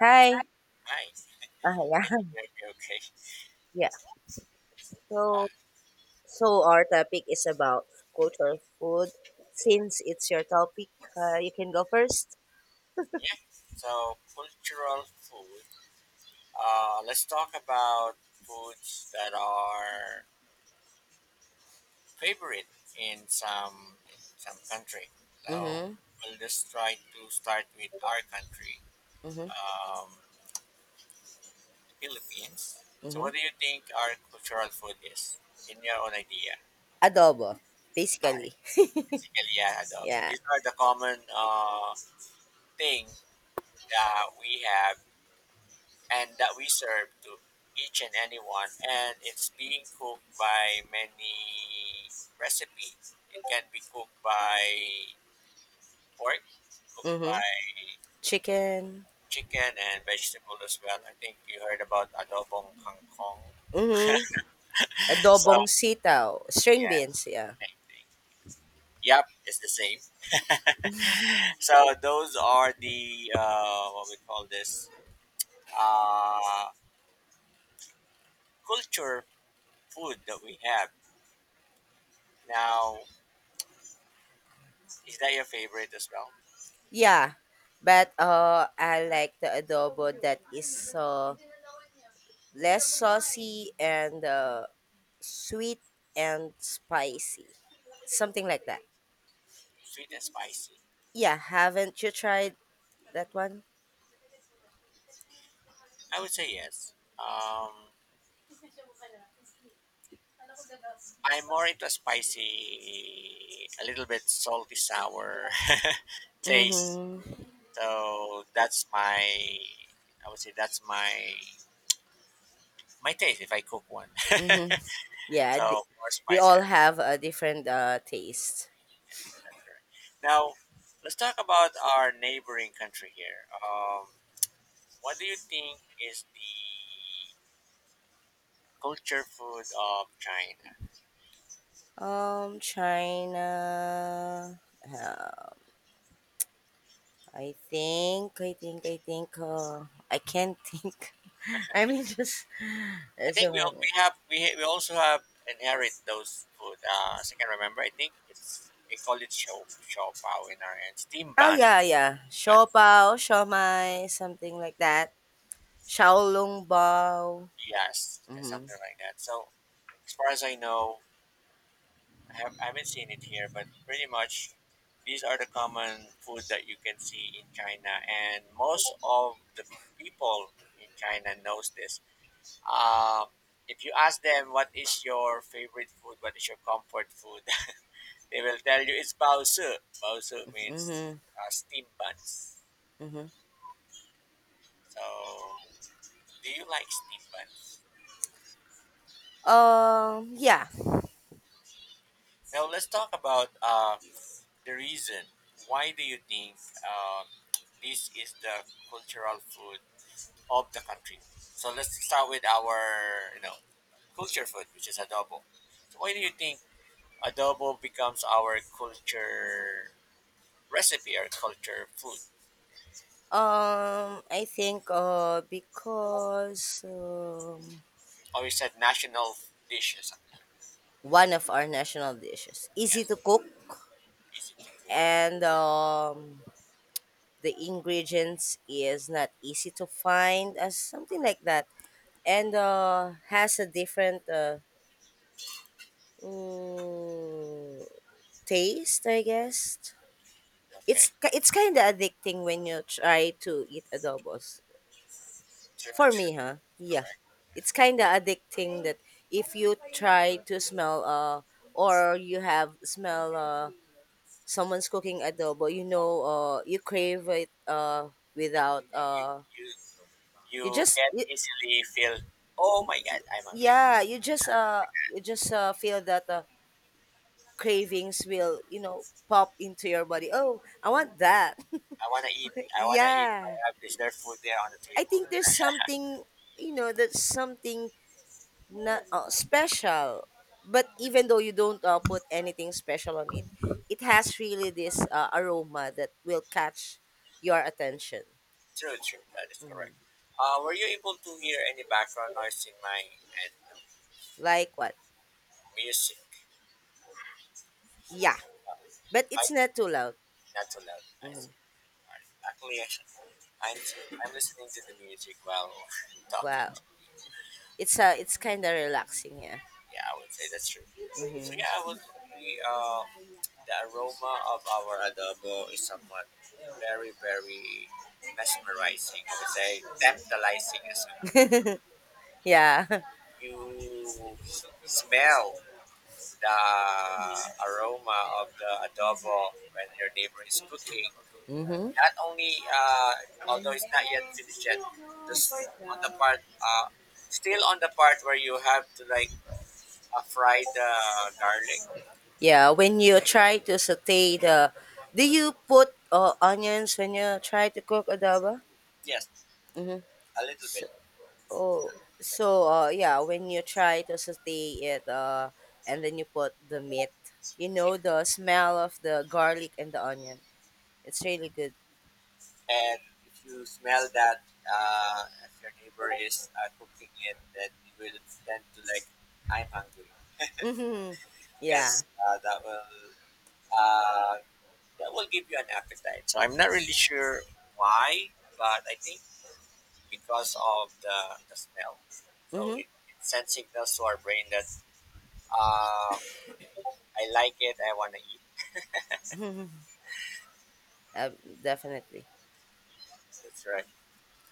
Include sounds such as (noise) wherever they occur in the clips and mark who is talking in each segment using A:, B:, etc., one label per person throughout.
A: Hi.
B: Nice.
A: Ah,
B: Good
A: yeah.
B: to
A: (laughs)
B: hear you. Okay.
A: Yeah. So,
B: Uh,
A: so our topic is about cultural food. Since it's your topic, you can go first.
B: yeah. So cultural food. Let's talk about foods that are favorite in some country. So
A: Mm-hmm.
B: we'll just try to start with our country,
A: Mm-hmm.
B: um, Philippines. So
A: Mm-hmm.
B: what do you think our cultural food is? In your own idea,
A: Adobo,
B: I
A: basically. (laughs)
B: basically, yeah, adobo.
A: Yeah.
B: These are the common thing that we have and that we serve to each and anyone, and it's being cooked by many recipes. It can be cooked by pork, cooked
A: Mm-hmm.
B: by
A: Chicken.
B: chicken and vegetable as well. I think you heard about adobong kangkong.
A: Mm-hmm.
B: So
A: Adobong sitaw. String beans,
B: yes,
A: yeah.
B: same thing. Yep, it's the same. So those are the what we call this uh, culture food that we have now. Is that your favorite as well?
A: Yeah. But I like the adobo that is uh, less saucy and sweet and spicy. Something like that.
B: Sweet and spicy.
A: Yeah,
B: Okay.
A: haven't you tried that one?
B: I would say yes. I'm more into spicy, a little bit salty, sour (laughs) taste.
A: Mhm.
B: So I would say that's my taste if I cook one.
A: Mhm.
B: (laughs)
A: Yeah,
B: So
A: di-
B: more
A: we
B: spicy.
A: all have a different taste.
B: Yes, that's correct. Now, let's talk about our neighboring country here. What do you think is the culture food of China?
A: China, uh, I think I think I think I can't think. (laughs) I mean just
B: I
A: just a
B: think we al-
A: moment.
B: we have we ha- we also have inherit those food. As I can remember, I think it's they call it show show pow in our end. Steam
A: Oh
B: buns,
A: yeah, yeah.
B: bun,
A: Shopao, shomai, something like that. Shaolong bao.
B: yes, there's
A: Mhm.
B: something like that. So as far as I know, I haven't seen it here, but pretty much these are the common food that you can see in China, and most of the people in China knows this. Um, if you ask them what is your favorite food, what is your comfort food, they will tell you it's baosu. Baosu means
A: Mhm.
B: steam buns.
A: Mhm.
B: So, do you like steam buns?
A: Yeah.
B: Now, let's talk about the reason. Why do you think um, this is the cultural food of the country? So, let's start with our culture food, which is adobo. So, why do you think adobo becomes our culture recipe or culture food?
A: I think, because
B: Or you said national dish or something?
A: one of our national dishes, easy
B: Yes,
A: to cook,
B: easy to cook.
A: and the ingredients is not easy to find, as something like that, and has a different mm, taste, I guess.
B: Okay.
A: It's kind of addicting when you try to eat adobos.
B: True,
A: For
B: true,
A: me, huh? Yeah.
B: correct.
A: It's kind of addicting that if you try to smell or you have smell someone's cooking adobo, you know, you crave it without
B: You, you,
A: you
B: you
A: just
B: get
A: you,
B: easily feel, oh my god, I'm hungry.
A: yeah, you just feel that, cravings will, you know, pop into your body. Oh, I want that.
B: I wanna eat.
A: (laughs)
B: I wanna eat. I
A: Yeah.
B: have reserved food there on the
A: I
B: table.
A: think there's something, you know, there's something not, special, but even though you don't, put anything special on it, it has really this, aroma that will catch your attention.
B: True, true. That is correct. Were you able to hear any background noise in my and
A: Like what?
B: music?
A: Yeah,
B: Uh,
A: but
B: I
A: it's not too loud.
B: not too loud. I
A: Mhm.
B: see. All right. Actually, I'm listening to the music while (laughs) talking.
A: Wow, it's it's kind of relaxing, yeah.
B: Yeah, I would say that's true. So
A: Hmm.
B: yeah, I would agree. The aroma of our adobo is somewhat very, very mesmerizing. I would say tantalizing as well.
A: (laughs) Yeah.
B: You smell the aroma of the adobo when your neighbor is cooking.
A: Hmm.
B: Not only, although it's not yet finished yet, just on the part where you have to like fry the garlic.
A: Yeah, when you try to saute the, do you put, onions when you try to cook adobo?
B: Yes,
A: Hmm.
B: a little bit.
A: Oh, so yeah, when you try to saute it, and then you put the meat, you know the smell of the garlic and the onion. It's really good.
B: And if you smell that, if your neighbor is cooking it, then you will tend to like, I'm hungry,
A: Hmm. Yeah.
B: because uh, that will give you an appetite. So I'm not really sure why, but I think because of the smell. So
A: Hmm.
B: it sends signals to our brain that uh, I like it, I want to eat.
A: Uh, Definitely.
B: That's right.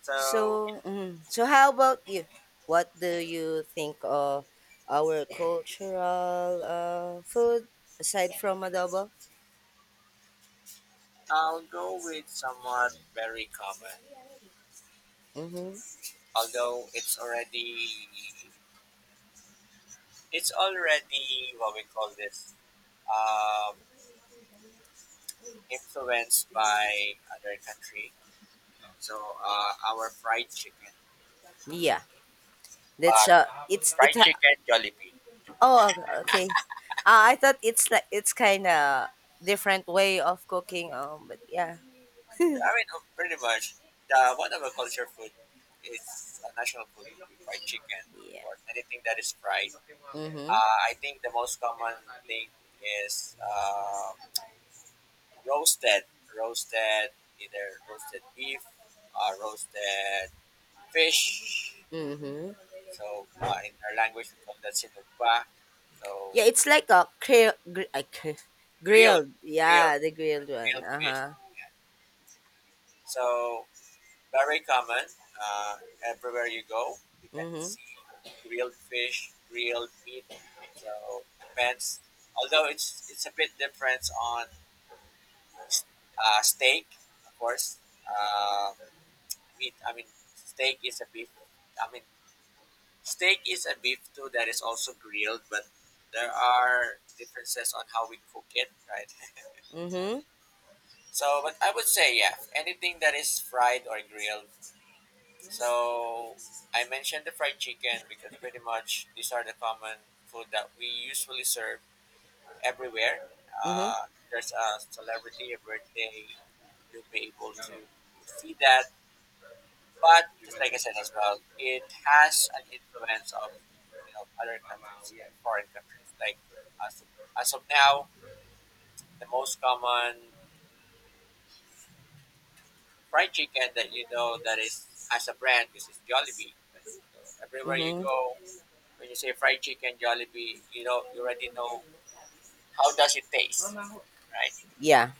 B: So
A: So, mhm. So how about you? What do you think of our cultural, food aside from adobo?
B: I'll go with somewhat very common,
A: Mm-hmm.
B: although it's already what we call this um, influenced by other country. So our fried chicken,
A: Yeah, that's
B: but
A: it's it.
B: fried
A: Ha-
B: chicken Jollibee.
A: Oh, okay. Okay. I thought it's like it's kind of different way of cooking. But yeah,
B: I mean, pretty much the one of our culture food is a national food would be fried chicken.
A: yeah.
B: Or anything that is fried.
A: Mhm.
B: I think the most common thing is roasted, roasted either roasted beef, roasted fish.
A: Mhm.
B: So in our language, we call that sinugpa. So
A: Yeah, it's like a
B: grilled,
A: grilled.
B: grilled,
A: Yeah, the
B: uh,
A: grilled one.
B: grilled
A: Uh
B: fish.
A: huh.
B: Yeah. So very common. Uh, everywhere you go, you can
A: Mhm.
B: see grilled fish, grilled meat. So depends. Although it's a bit different on steak, of course. Uh, meat. I mean, steak is a beef. I mean, steak is a beef too that is also grilled, but there are differences on how we cook it, right?
A: Mhm.
B: (laughs) So, but I would say, yeah, anything that is fried or grilled. So, I mentioned the fried chicken because pretty much these are the common food that we usually serve everywhere.
A: Mhm.
B: If there's a celebrity, a birthday, you'll be able to feed that. But just like I said as well, it has an influence of other countries, foreign countries. Like as of, as of now, the most common fried chicken that you know that is as a brand is Jollibee. So everywhere you
A: Mhm.
B: go, when you say fried chicken Jollibee, you already know how does it taste, right?
A: Yeah.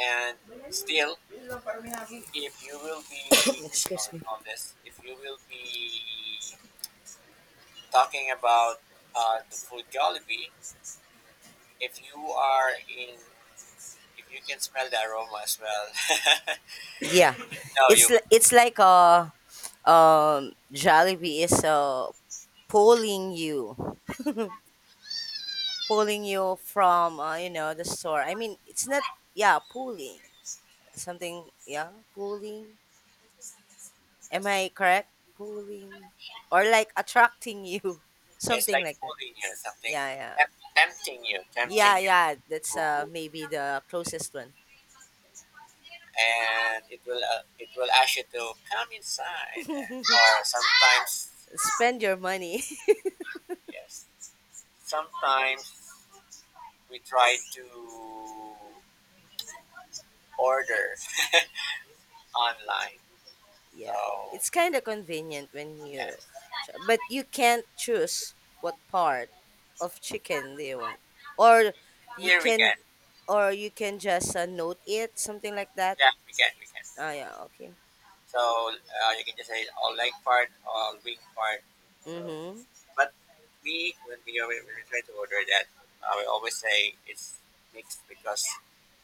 B: And still, if you will be
A: (coughs) Excuse me.
B: talking about the food Jollibee. If you are in, if you can smell the aroma as well, (laughs)
A: Yeah,
B: no,
A: it's
B: you would.
A: li- it's like a, Jollibee is pulling you. (laughs) Pulling you from, you know the store. I mean, it's not, yeah, pulling something, yeah, pulling. Am
B: That's,
A: I correct? Pulling, or like attracting you, (laughs)
B: it's
A: something
B: like
A: like that.
B: pulling you, something
A: Yeah, yeah,
B: temp- tempting you, tempting
A: yeah,
B: you,
A: yeah. That's maybe the closest one.
B: and it will ask you to come inside. And, or sometimes,
A: Spend your money.
B: yes, sometimes we try to order (laughs) online.
A: (laughs) Yeah,
B: So
A: it's kind of convenient when you,
B: yes.
A: but you can't choose what part of chicken do you want, or you
B: Here we
A: can,
B: can.
A: or you can just, note it something like that.
B: Yeah, we can, we can.
A: Oh yeah, okay.
B: So you can just say all leg part, all wing part. So,
A: Mm-hmm.
B: but we when we are, when we try to order that, I always say it's mixed because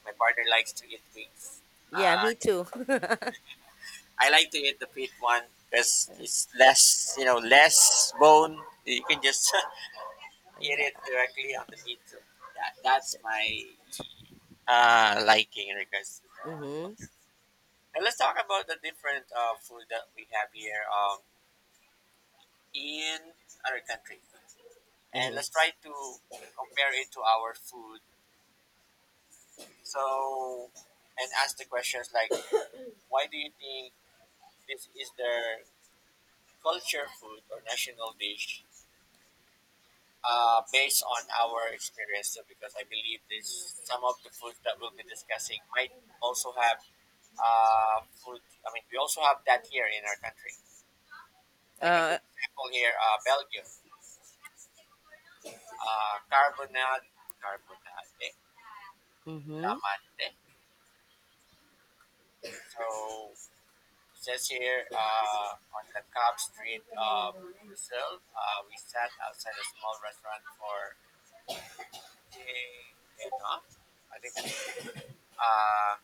B: my partner likes to eat wings.
A: Yeah,
B: Uh,
A: me too. (laughs)
B: I like to eat the pit one because it's less bone. You can just (laughs) eat it
A: Yeah.
B: directly on the meat. So that's my liking in regards to that.
A: Mm-hmm.
B: And let's talk about the different food that we have here, in other countries. And
A: Mm-hmm.
B: let's try to compare it to our food. So, and ask the questions like, why do you think this is their culture food or national dish based on our experience? So, because I believe this, some of the food that we'll be discussing might also have food. I mean, we also have that here in our country. Like a
A: Uh
B: good example here, Belgium, uh, carbonade, carbonade,
A: mm-hmm.
B: lamande. So it says here on the Cobb Street of Brazil, we sat outside a small restaurant for eating. You know, I think that's a. uh,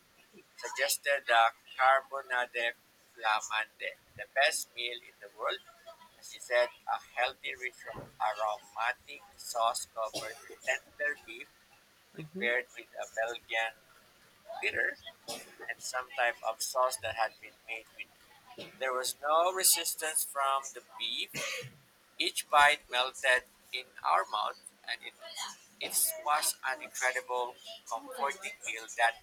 B: suggested the carbonade flamande, the best meal in the world. She said a healthy, rich, aromatic sauce covered with tender beef
A: Mm-hmm.
B: prepared with a Belgian bitter and some type of sauce that had been made with. There was no resistance from the beef. Each bite melted in our mouth, and it was an incredible, comforting meal that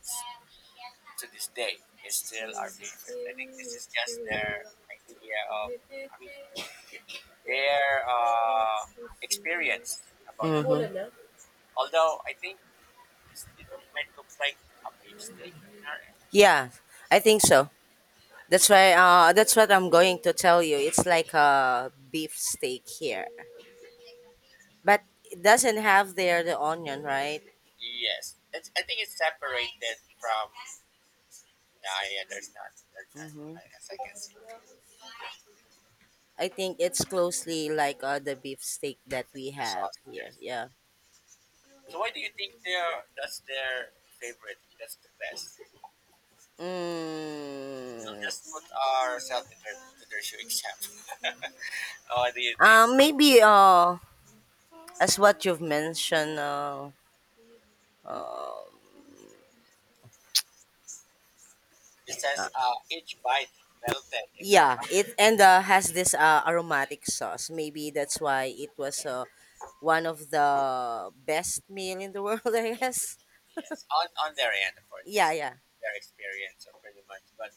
B: to this day is still our favorite. I think this is just their idea of, I mean, their experience about the meat.
A: Mm-hmm.
B: Although I think it might look like a beef steak in our end.
A: Yeah, I think so. That's why that's what I'm going to tell you. It's like a beef steak here. But it doesn't have there the onion, right?
B: Yes, I think it's separated from. Nah, yeah, there's not. There's not.
A: Mm-hmm.
B: As I can see,
A: I think it's closely like, the beef steak that we
B: the
A: have
B: sauce.
A: here.
B: Yes.
A: Yeah.
B: So why do you think they're that's their favorite? That's the best. I'll
A: Mm.
B: just put ourselves in their shoe example. (laughs) What do you think?
A: Maybe, as what you've mentioned, Um,
B: It
A: uh,
B: says each bite melted in our
A: yeah,
B: mouth.
A: it and, has this, aromatic sauce. Maybe that's why it was, one of the best meal in the (laughs) world, I guess.
B: Yes, on their end, of course. This
A: Yeah,
B: is
A: yeah.
B: their experience, pretty much. But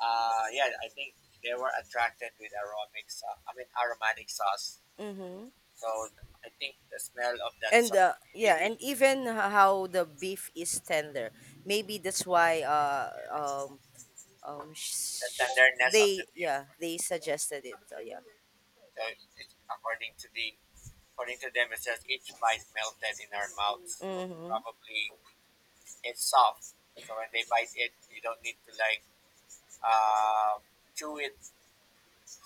B: yeah, I think they were attracted with aromatic sauce.
A: Mm-hmm.
B: So I think the smell of that
A: And
B: sauce, really,
A: yeah,
B: really,
A: and even how the beef is tender. Maybe that's why
B: the tenderness of the
A: they,
B: beef.
A: yeah, they suggested it. So yeah.
B: So it's, according to the according to them, it says each bite melted in our mouths. So
A: Mm-hmm.
B: probably it's soft. So when they bite it, you don't need to like uh, chew it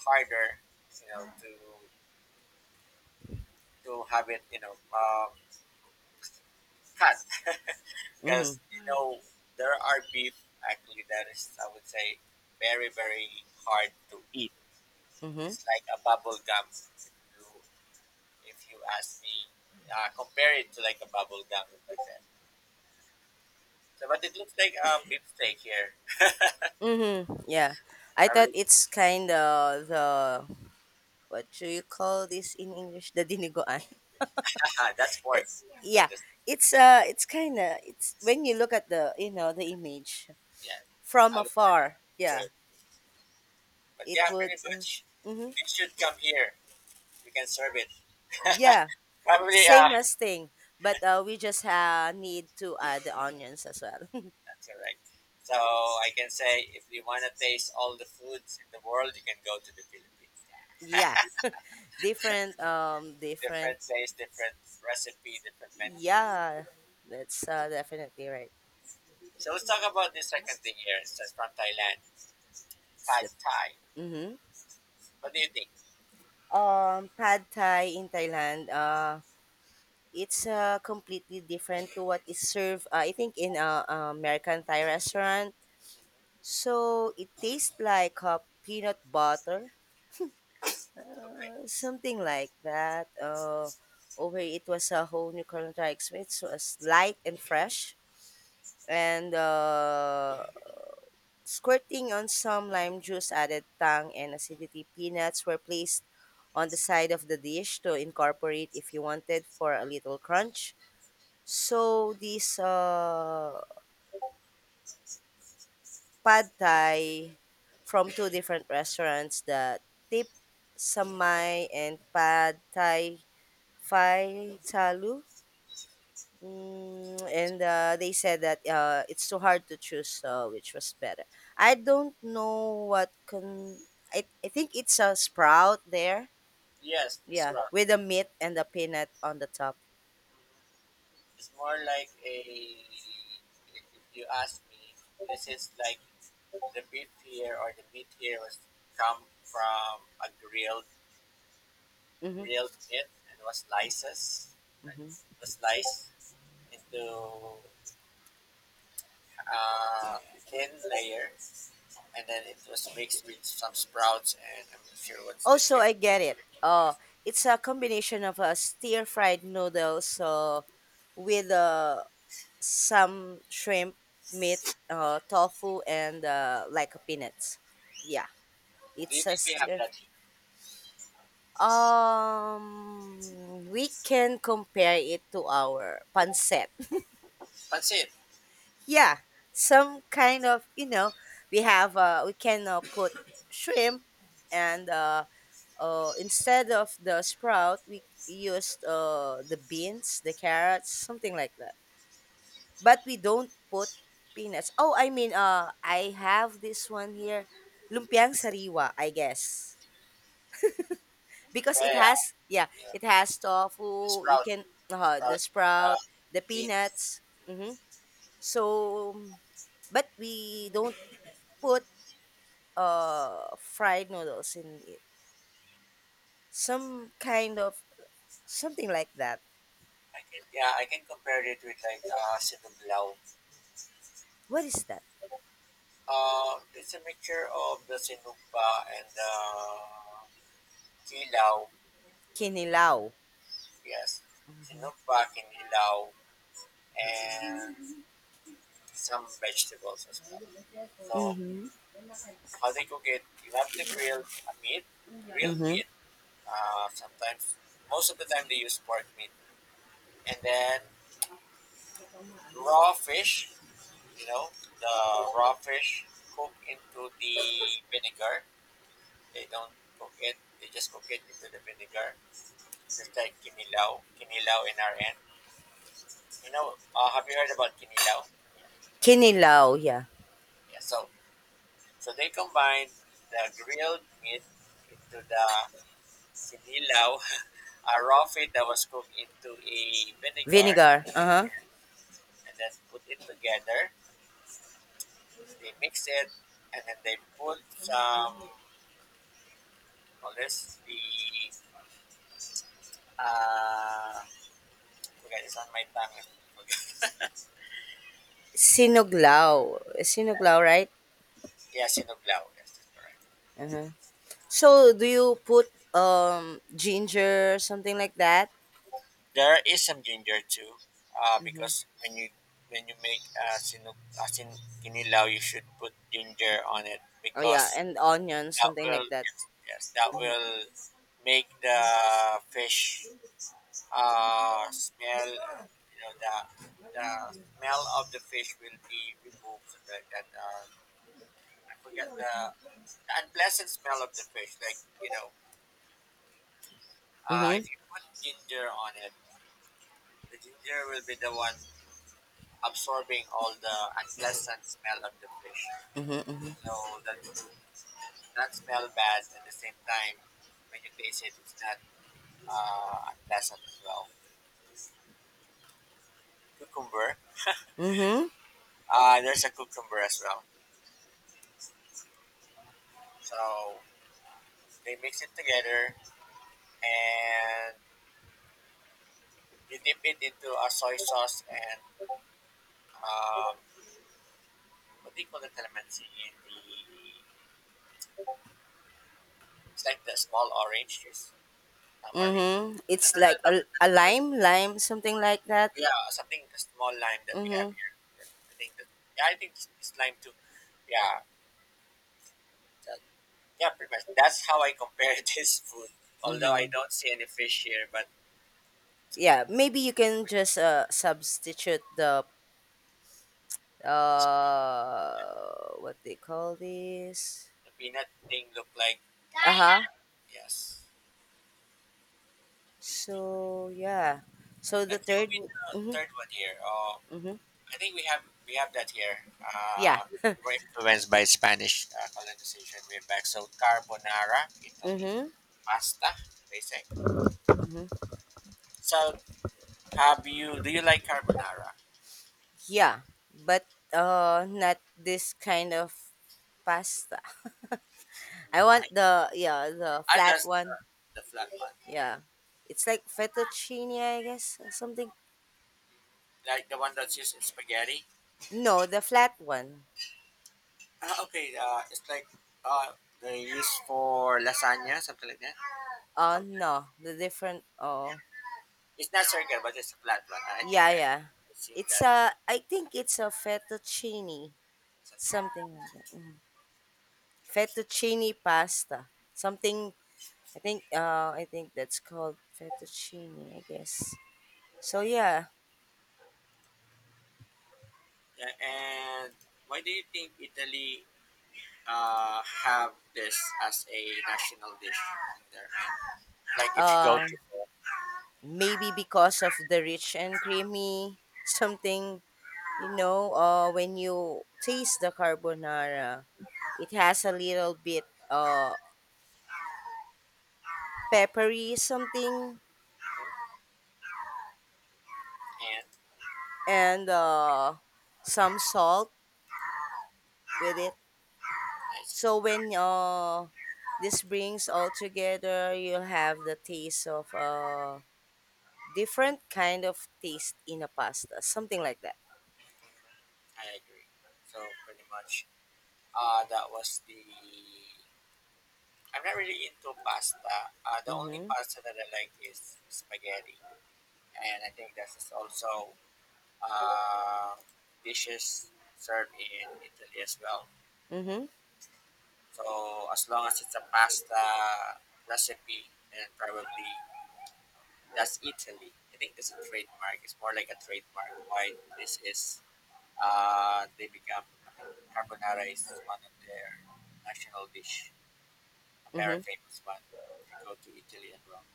B: harder, to have it, cut. (laughs)
A: Mm-hmm.
B: Because you know there are beef actually that is, I would say, very very hard to eat.
A: Mm-hmm.
B: It's like a bubble gum. You, if you ask me, compare it to like a bubble gum, like that. So, but it looks like a beef steak here.
A: Mm-hmm. Yeah. I thought
B: Probably,
A: it's kind of the, what do you call this in English? The dinigoan. (laughs)
B: (laughs) ah, that's
A: Eh,
B: pork.
A: yeah,
B: That is beef.
A: it's kind of it's when you look at the, you know, the image
B: Yeah,
A: from
B: I would say.
A: afar. Yeah,
B: Good. But
A: it
B: yeah,
A: would.
B: pretty much.
A: Mm-hmm,
B: They should come here. We can serve it.
A: yeah,
B: (laughs) Probably,
A: same as thing, but we just, need to add the onions as well. (laughs)
B: that's all right. So I can say if you want to taste all the foods in the world, you can go to the Philippines.
A: Yeah, different. Different.
B: Different place, different recipe, different menu.
A: Yeah, that's, definitely right.
B: So let's talk about the second thing here. It's just from Thailand.
A: It's
B: Pad
A: the,
B: Thai.
A: mm-hmm.
B: What do you think?
A: Pad Thai in Thailand. It's, completely different to what is served, I think in a, American Thai restaurant, so it tastes like, peanut butter,
B: Okay.
A: something like that, over. It was a whole new currently experience, so it's light and fresh, and, squirting on some lime juice added tang and acidity. Peanuts were placed on the side of the dish to incorporate if you wanted for a little crunch. So this, Pad Thai from two different restaurants, the Tip Samai and Pad Thai Phai Talu. Mm, and, they said that, it's too hard to choose, which was better. I don't know what can. I think it's a sprout there.
B: Yes, it's
A: Yeah,
B: wrong.
A: with the meat and the peanut on the top.
B: It's more like a, if you ask me, this is like the beef here or the meat here was come from a grilled
A: Hmm.
B: grilled meat and like,
A: Hmm.
B: was sliced into a thin layer, and then it was mixed with some sprouts and I'm not sure what's this
A: Also,
B: here.
A: I get it. It's a combination of, stir fried noodles, with some shrimp, meat, tofu, and, like peanuts. Yeah,
B: Do you
A: it's a
B: think we have
A: stir.
B: that here?
A: We can compare it to our pancet.
B: Pansit.
A: (laughs) Yeah, some kind of, you know, we have, we can, put shrimp and, instead of the sprout we used, the beans, the carrots, something like that. But we don't put peanuts. Oh, I mean, I have this one here, lumpiang sariwa, I guess, because
B: Yeah,
A: it
B: yeah,
A: has, yeah,
B: yeah.
A: it has tofu. You
B: Sprout,
A: can, the
B: sprout,
A: sprout,
B: uh,
A: the
B: beans.
A: peanuts. Mm-hmm. So, but we don't put fried noodles in it. Some kind of something like that.
B: I can, yeah, I can compare it with like sinuglaw.
A: What is that?
B: It's a mixture of the sinugpa and the kilaw.
A: Kinilaw.
B: Yes, sinugpa, kinilaw, and some vegetables as well. So
A: Mm-hmm.
B: how they cook it, you have to grill a meat, grilled
A: Mm-hmm.
B: meat. Sometimes, most of the time they use pork meat, and then raw fish. You know, the raw fish cooked into the vinegar. They don't cook it. They just cook it into the vinegar. It's just like kinilaw, kinilaw in our end. You know, have you heard about kinilaw?
A: Kinilaw, yeah.
B: Yeah. So they combine the grilled meat into the sinilaw, (laughs) a raw feed that was cooked into a vinegar,
A: Vinegar. Uh-huh.
B: and then put it together. They mix it, and then they put some. Call this the uh, forget, it's on my tongue. (laughs) Forget.
A: Sinuglaw. Sinuglaw,
B: Yeah,
A: right?
B: yeah, sinuglaw. Yes, that's correct.
A: Uh huh. So, do you put ginger, something like that?
B: There is some danger too,
A: Mhm.
B: because when you make a sinug asin kinilaw, you should put ginger on it
A: Oh yeah,
B: because
A: and onion,
B: that
A: something
B: will,
A: like that.
B: yes, yes that
A: Mhm.
B: will make the fish smell, and you know the smell of the fish will be removed so that, I forget the unpleasant smell of the fish, like, you know,
A: Mhm.
B: if you put ginger on it, the ginger will be the one absorbing all the unpleasant smell of the fish.
A: Mhm. Mhm.
B: So that it would not smell bad, at the same time when you taste it, it's not unpleasant as well. Cucumber,
A: Mhm.
B: there's a cucumber as well. So they mix it together and you dip it into a soy sauce and, um, what do you call the calamansi in the, it's like the small orange juice, tamarind.
A: Mhm.
B: No,
A: It's
B: no, no,
A: like
B: tamarind,
A: a
B: tamarind.
A: lime, lime, something like that.
B: Yeah, something the small lime that we have
A: Mhm.
B: here. But I think that, yeah, I think it's lime too. Yeah, that, yeah, pretty much. That's how I compare (laughs) this food. Although I
A: Mhm.
B: don't see any fish here, but
A: Yeah, maybe you can just substitute the,
B: the
A: what they call this?
B: peanut thing look like,
A: Uh-huh.
B: yes.
A: So, yeah. So the
B: Let's go
A: third
B: with
A: would,
B: the
A: mhm,
B: third one here.
A: mhm,
B: I think we have that here.
A: yeah.
B: We
A: (laughs)
B: were influenced by Spanish colonization way back. So carbonara, Italy,
A: Mhm.
B: pasta, they say.
A: Mhm.
B: So have you? Do you like carbonara?
A: Yeah, but not this kind of pasta. (laughs) I want
B: Why?
A: the, yeah, the
B: I
A: flat
B: just,
A: one.
B: the flat one, right?
A: Yeah. It's like fettuccine, I guess, or something.
B: Like the one that's used in spaghetti.
A: No, the flat one.
B: Ah, okay. It's like uh, they use for lasagna, something like that. Something.
A: No, the different, oh.
B: It's not circular, but it's a flat one. I think
A: Yeah,
B: I,
A: yeah.
B: I've seen
A: It's
B: that.
A: a, I think it's a fettuccine, something like that. Mm-hmm. Fettuccine pasta. Something, I think that's called fettuccine, I guess. So yeah,
B: Yeah, and why do you think Italy have this as a national dish in there? Like if you go
A: uh,
B: to,
A: maybe because of the rich and creamy something, you know, when you taste the carbonara, it has a little bit uh peppery something,
B: and
A: and some salt with it. So when, this brings all together, you have the taste of, different kind of taste in a pasta, something like that.
B: I agree. So pretty much, that was the, I'm not really into pasta. The only
A: Mm-hmm.
B: pasta that I like is spaghetti, and I think that's also uh, dishes served in Italy as well.
A: Mm-hmm.
B: So as long as it's a pasta recipe, and probably that's Italy. I think that's a trademark. It's more like a trademark. Why this is they become. I think carbonara is one of their national dish, a very
A: Mm-hmm.
B: famous one. If you go to Italy and Rome.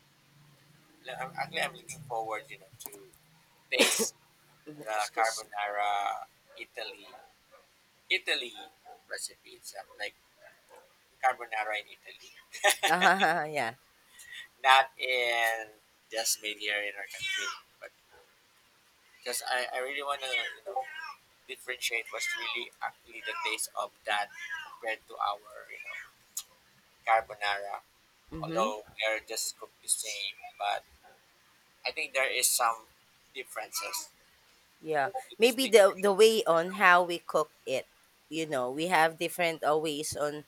B: Like, actually, I'm looking forward, you know, to taste
A: Mm-hmm.
B: the
A: Excuse. (laughs)
B: carbonara Italy Italy recipe itself, like carbonara in Italy, (laughs)
A: Ah yeah.
B: not in, just made here in our country. But because I really want to, you know, differentiate what's really actually the taste of that compared to our, you know, carbonara.
A: Mm-hmm.
B: Although they're just cooked the same, but I think there is some differences
A: Yeah,
B: to
A: maybe
B: distinguish
A: the way on how we cook it. You know, we have different, ways on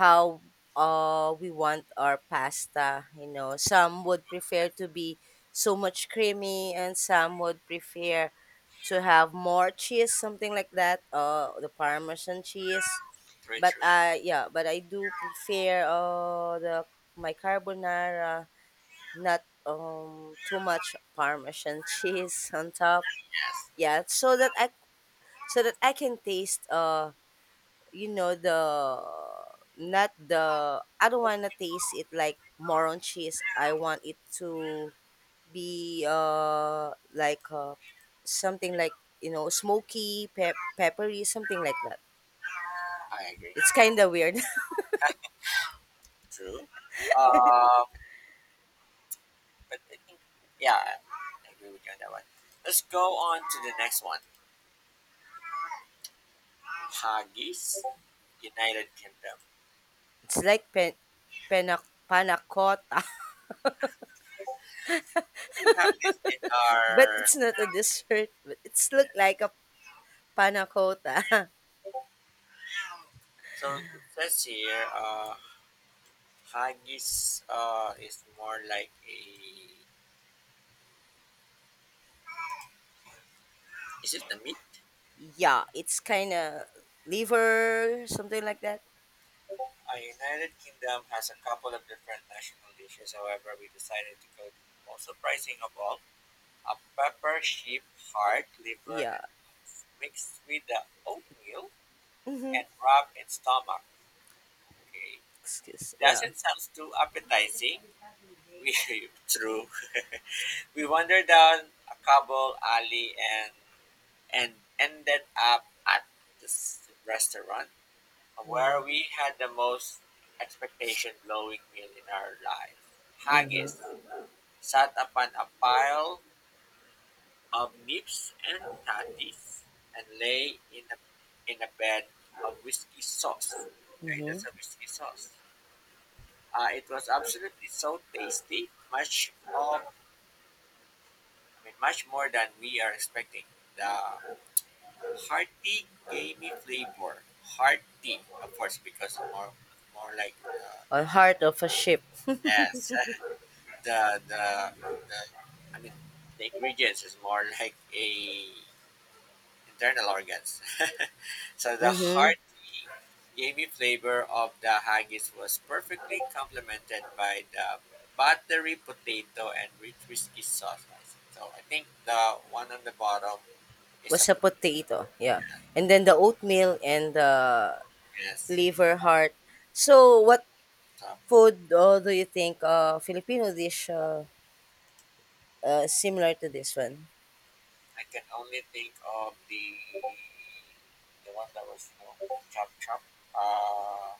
A: how we want our pasta. You know, some would prefer to be so much creamy, and some would prefer to have more cheese, something like that. The Parmesan cheese.
B: through
A: But
B: through.
A: I, yeah, but I do prefer the, my carbonara not too much Parmesan (laughs) cheese on top,
B: Yes.
A: yeah, so that I can taste, the, not the I don't want to taste it like more on cheese. I want it to be, something like, you know, smoky, peppery, something like that.
B: I agree.
A: It's kind of weird. (laughs)
B: True. Uh, but I think, yeah, I agree with you on that one. Let's go on to the next one. Haggis, United Kingdom.
A: It's like pena, panna cotta.
B: We have this in
A: (laughs) But
B: our.
A: it's not a dessert, but it's look like a panna cotta. (laughs)
B: So it says here, haggis is more like a. Is it the meat?
A: Yeah, it's kind of liver, something like that.
B: United Kingdom has a couple of different national dishes. However, we decided to go to the most surprising of all, a pepper, sheep, heart, liver
A: Yeah.
B: and beef mixed with the oatmeal
A: Mm-hmm.
B: and rub in stomach. Okay,
A: Excuse. Yeah.
B: doesn't sound too appetizing. We (laughs) true. We wander down a cobble alley and and ended up at this restaurant
A: Yeah.
B: where we had the most expectation blowing meal in our lives. Haggis
A: Mm-hmm.
B: sat upon a pile of nibs and tatties, and lay in a bed of whiskey sauce. Okay,
A: Mm-hmm.
B: that's a whiskey sauce. It was absolutely so tasty, much of, I mean, much more than we are expecting. The hearty, gamey flavor, hearty, of course, because more like, uh,
A: Or heart of a ship.
B: yes, (laughs) the the the I mean the ingredients is more like a internal organs. (laughs) So the
A: Mm-hmm.
B: hearty, gamey flavor of the haggis was perfectly complemented by the buttery potato and rich whiskey sauce icing. So I think the one on the bottom is a
A: Was a
B: potato.
A: potato. Yeah. And then the oatmeal and the
B: Yes.
A: liver heart. So what
B: So I
A: food, do you think, Filipino dish, similar to this one?
B: can only think of the one that was, you know, chop chop. Uh,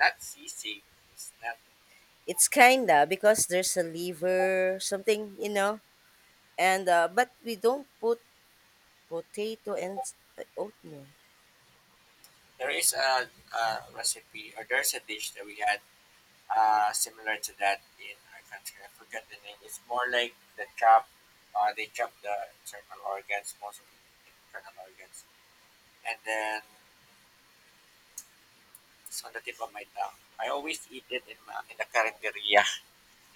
B: not CC. It's not.
A: It's kinda, because there's a liver something, you know, and, but we don't put potato and oatmeal.
B: There is a recipe or there's a dish that we had similar to that in our country. I forget the name. It's more like the chop. They chop the internal organs, most of the internal organs, and then it's on the tip of my tongue. I always eat it in the carinderia,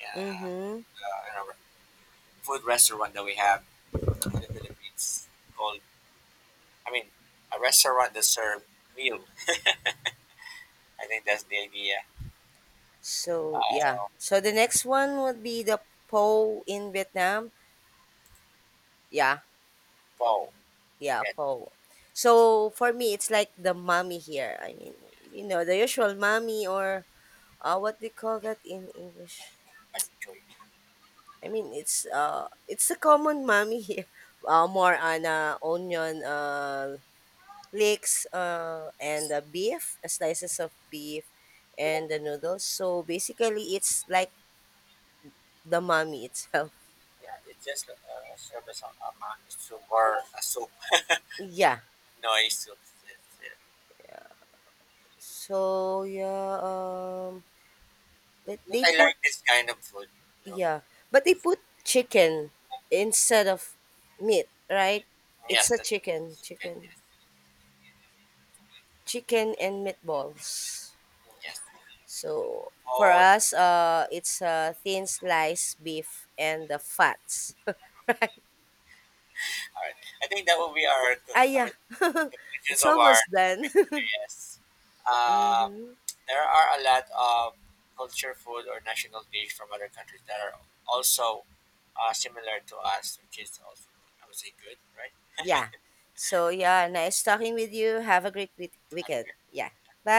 B: uh,
A: Mm-hmm.
B: in a food restaurant that we have in the Philippines called. I mean, a restaurant that serve meal. I think that's the idea.
A: So yeah.
B: Uh,
A: So the next one would be the po in Vietnam. Yeah,
B: wow,
A: yeah,
B: that
A: po. So for me, it's like the mommy here. I mean, you know, the usual mommy or, what they call that in English.
B: machoy.
A: I mean, it's, it's a common mommy here. (laughs) More on, onion, leeks, and,
B: Yes.
A: beef, slices of beef, and the noodles. So basically, it's like the mommy itself.
B: Yeah, it's just like a service of a man. It's super more a soup
A: Yeah.
B: noise. So,
A: So yeah, but
B: but
A: they
B: I
A: put,
B: like this kind of food. You know?
A: yeah, but they put chicken instead of meat, right? It's
B: Yes,
A: a
B: that
A: chicken,
B: is, yes,
A: chicken,
B: yes.
A: chicken and meatballs.
B: Yes.
A: So for
B: Oh, all
A: us, it's a thin sliced beef and the fats, (laughs) right?
B: right. I think that will be our
A: Ah
B: I
A: yeah.
B: mean,
A: (laughs)
B: conclusions
A: It's
B: of our
A: almost done.
B: topic.
A: (laughs)
B: Yes. Uh,
A: Mm-hmm.
B: there are a lot of culture food or national dish from other countries that are also similar to us, which is also, I would say, good, right?
A: Yeah.
B: (laughs)
A: So yeah, nice talking with you. Have a great
B: Have a
A: weekend.
B: good
A: Yeah. Bye.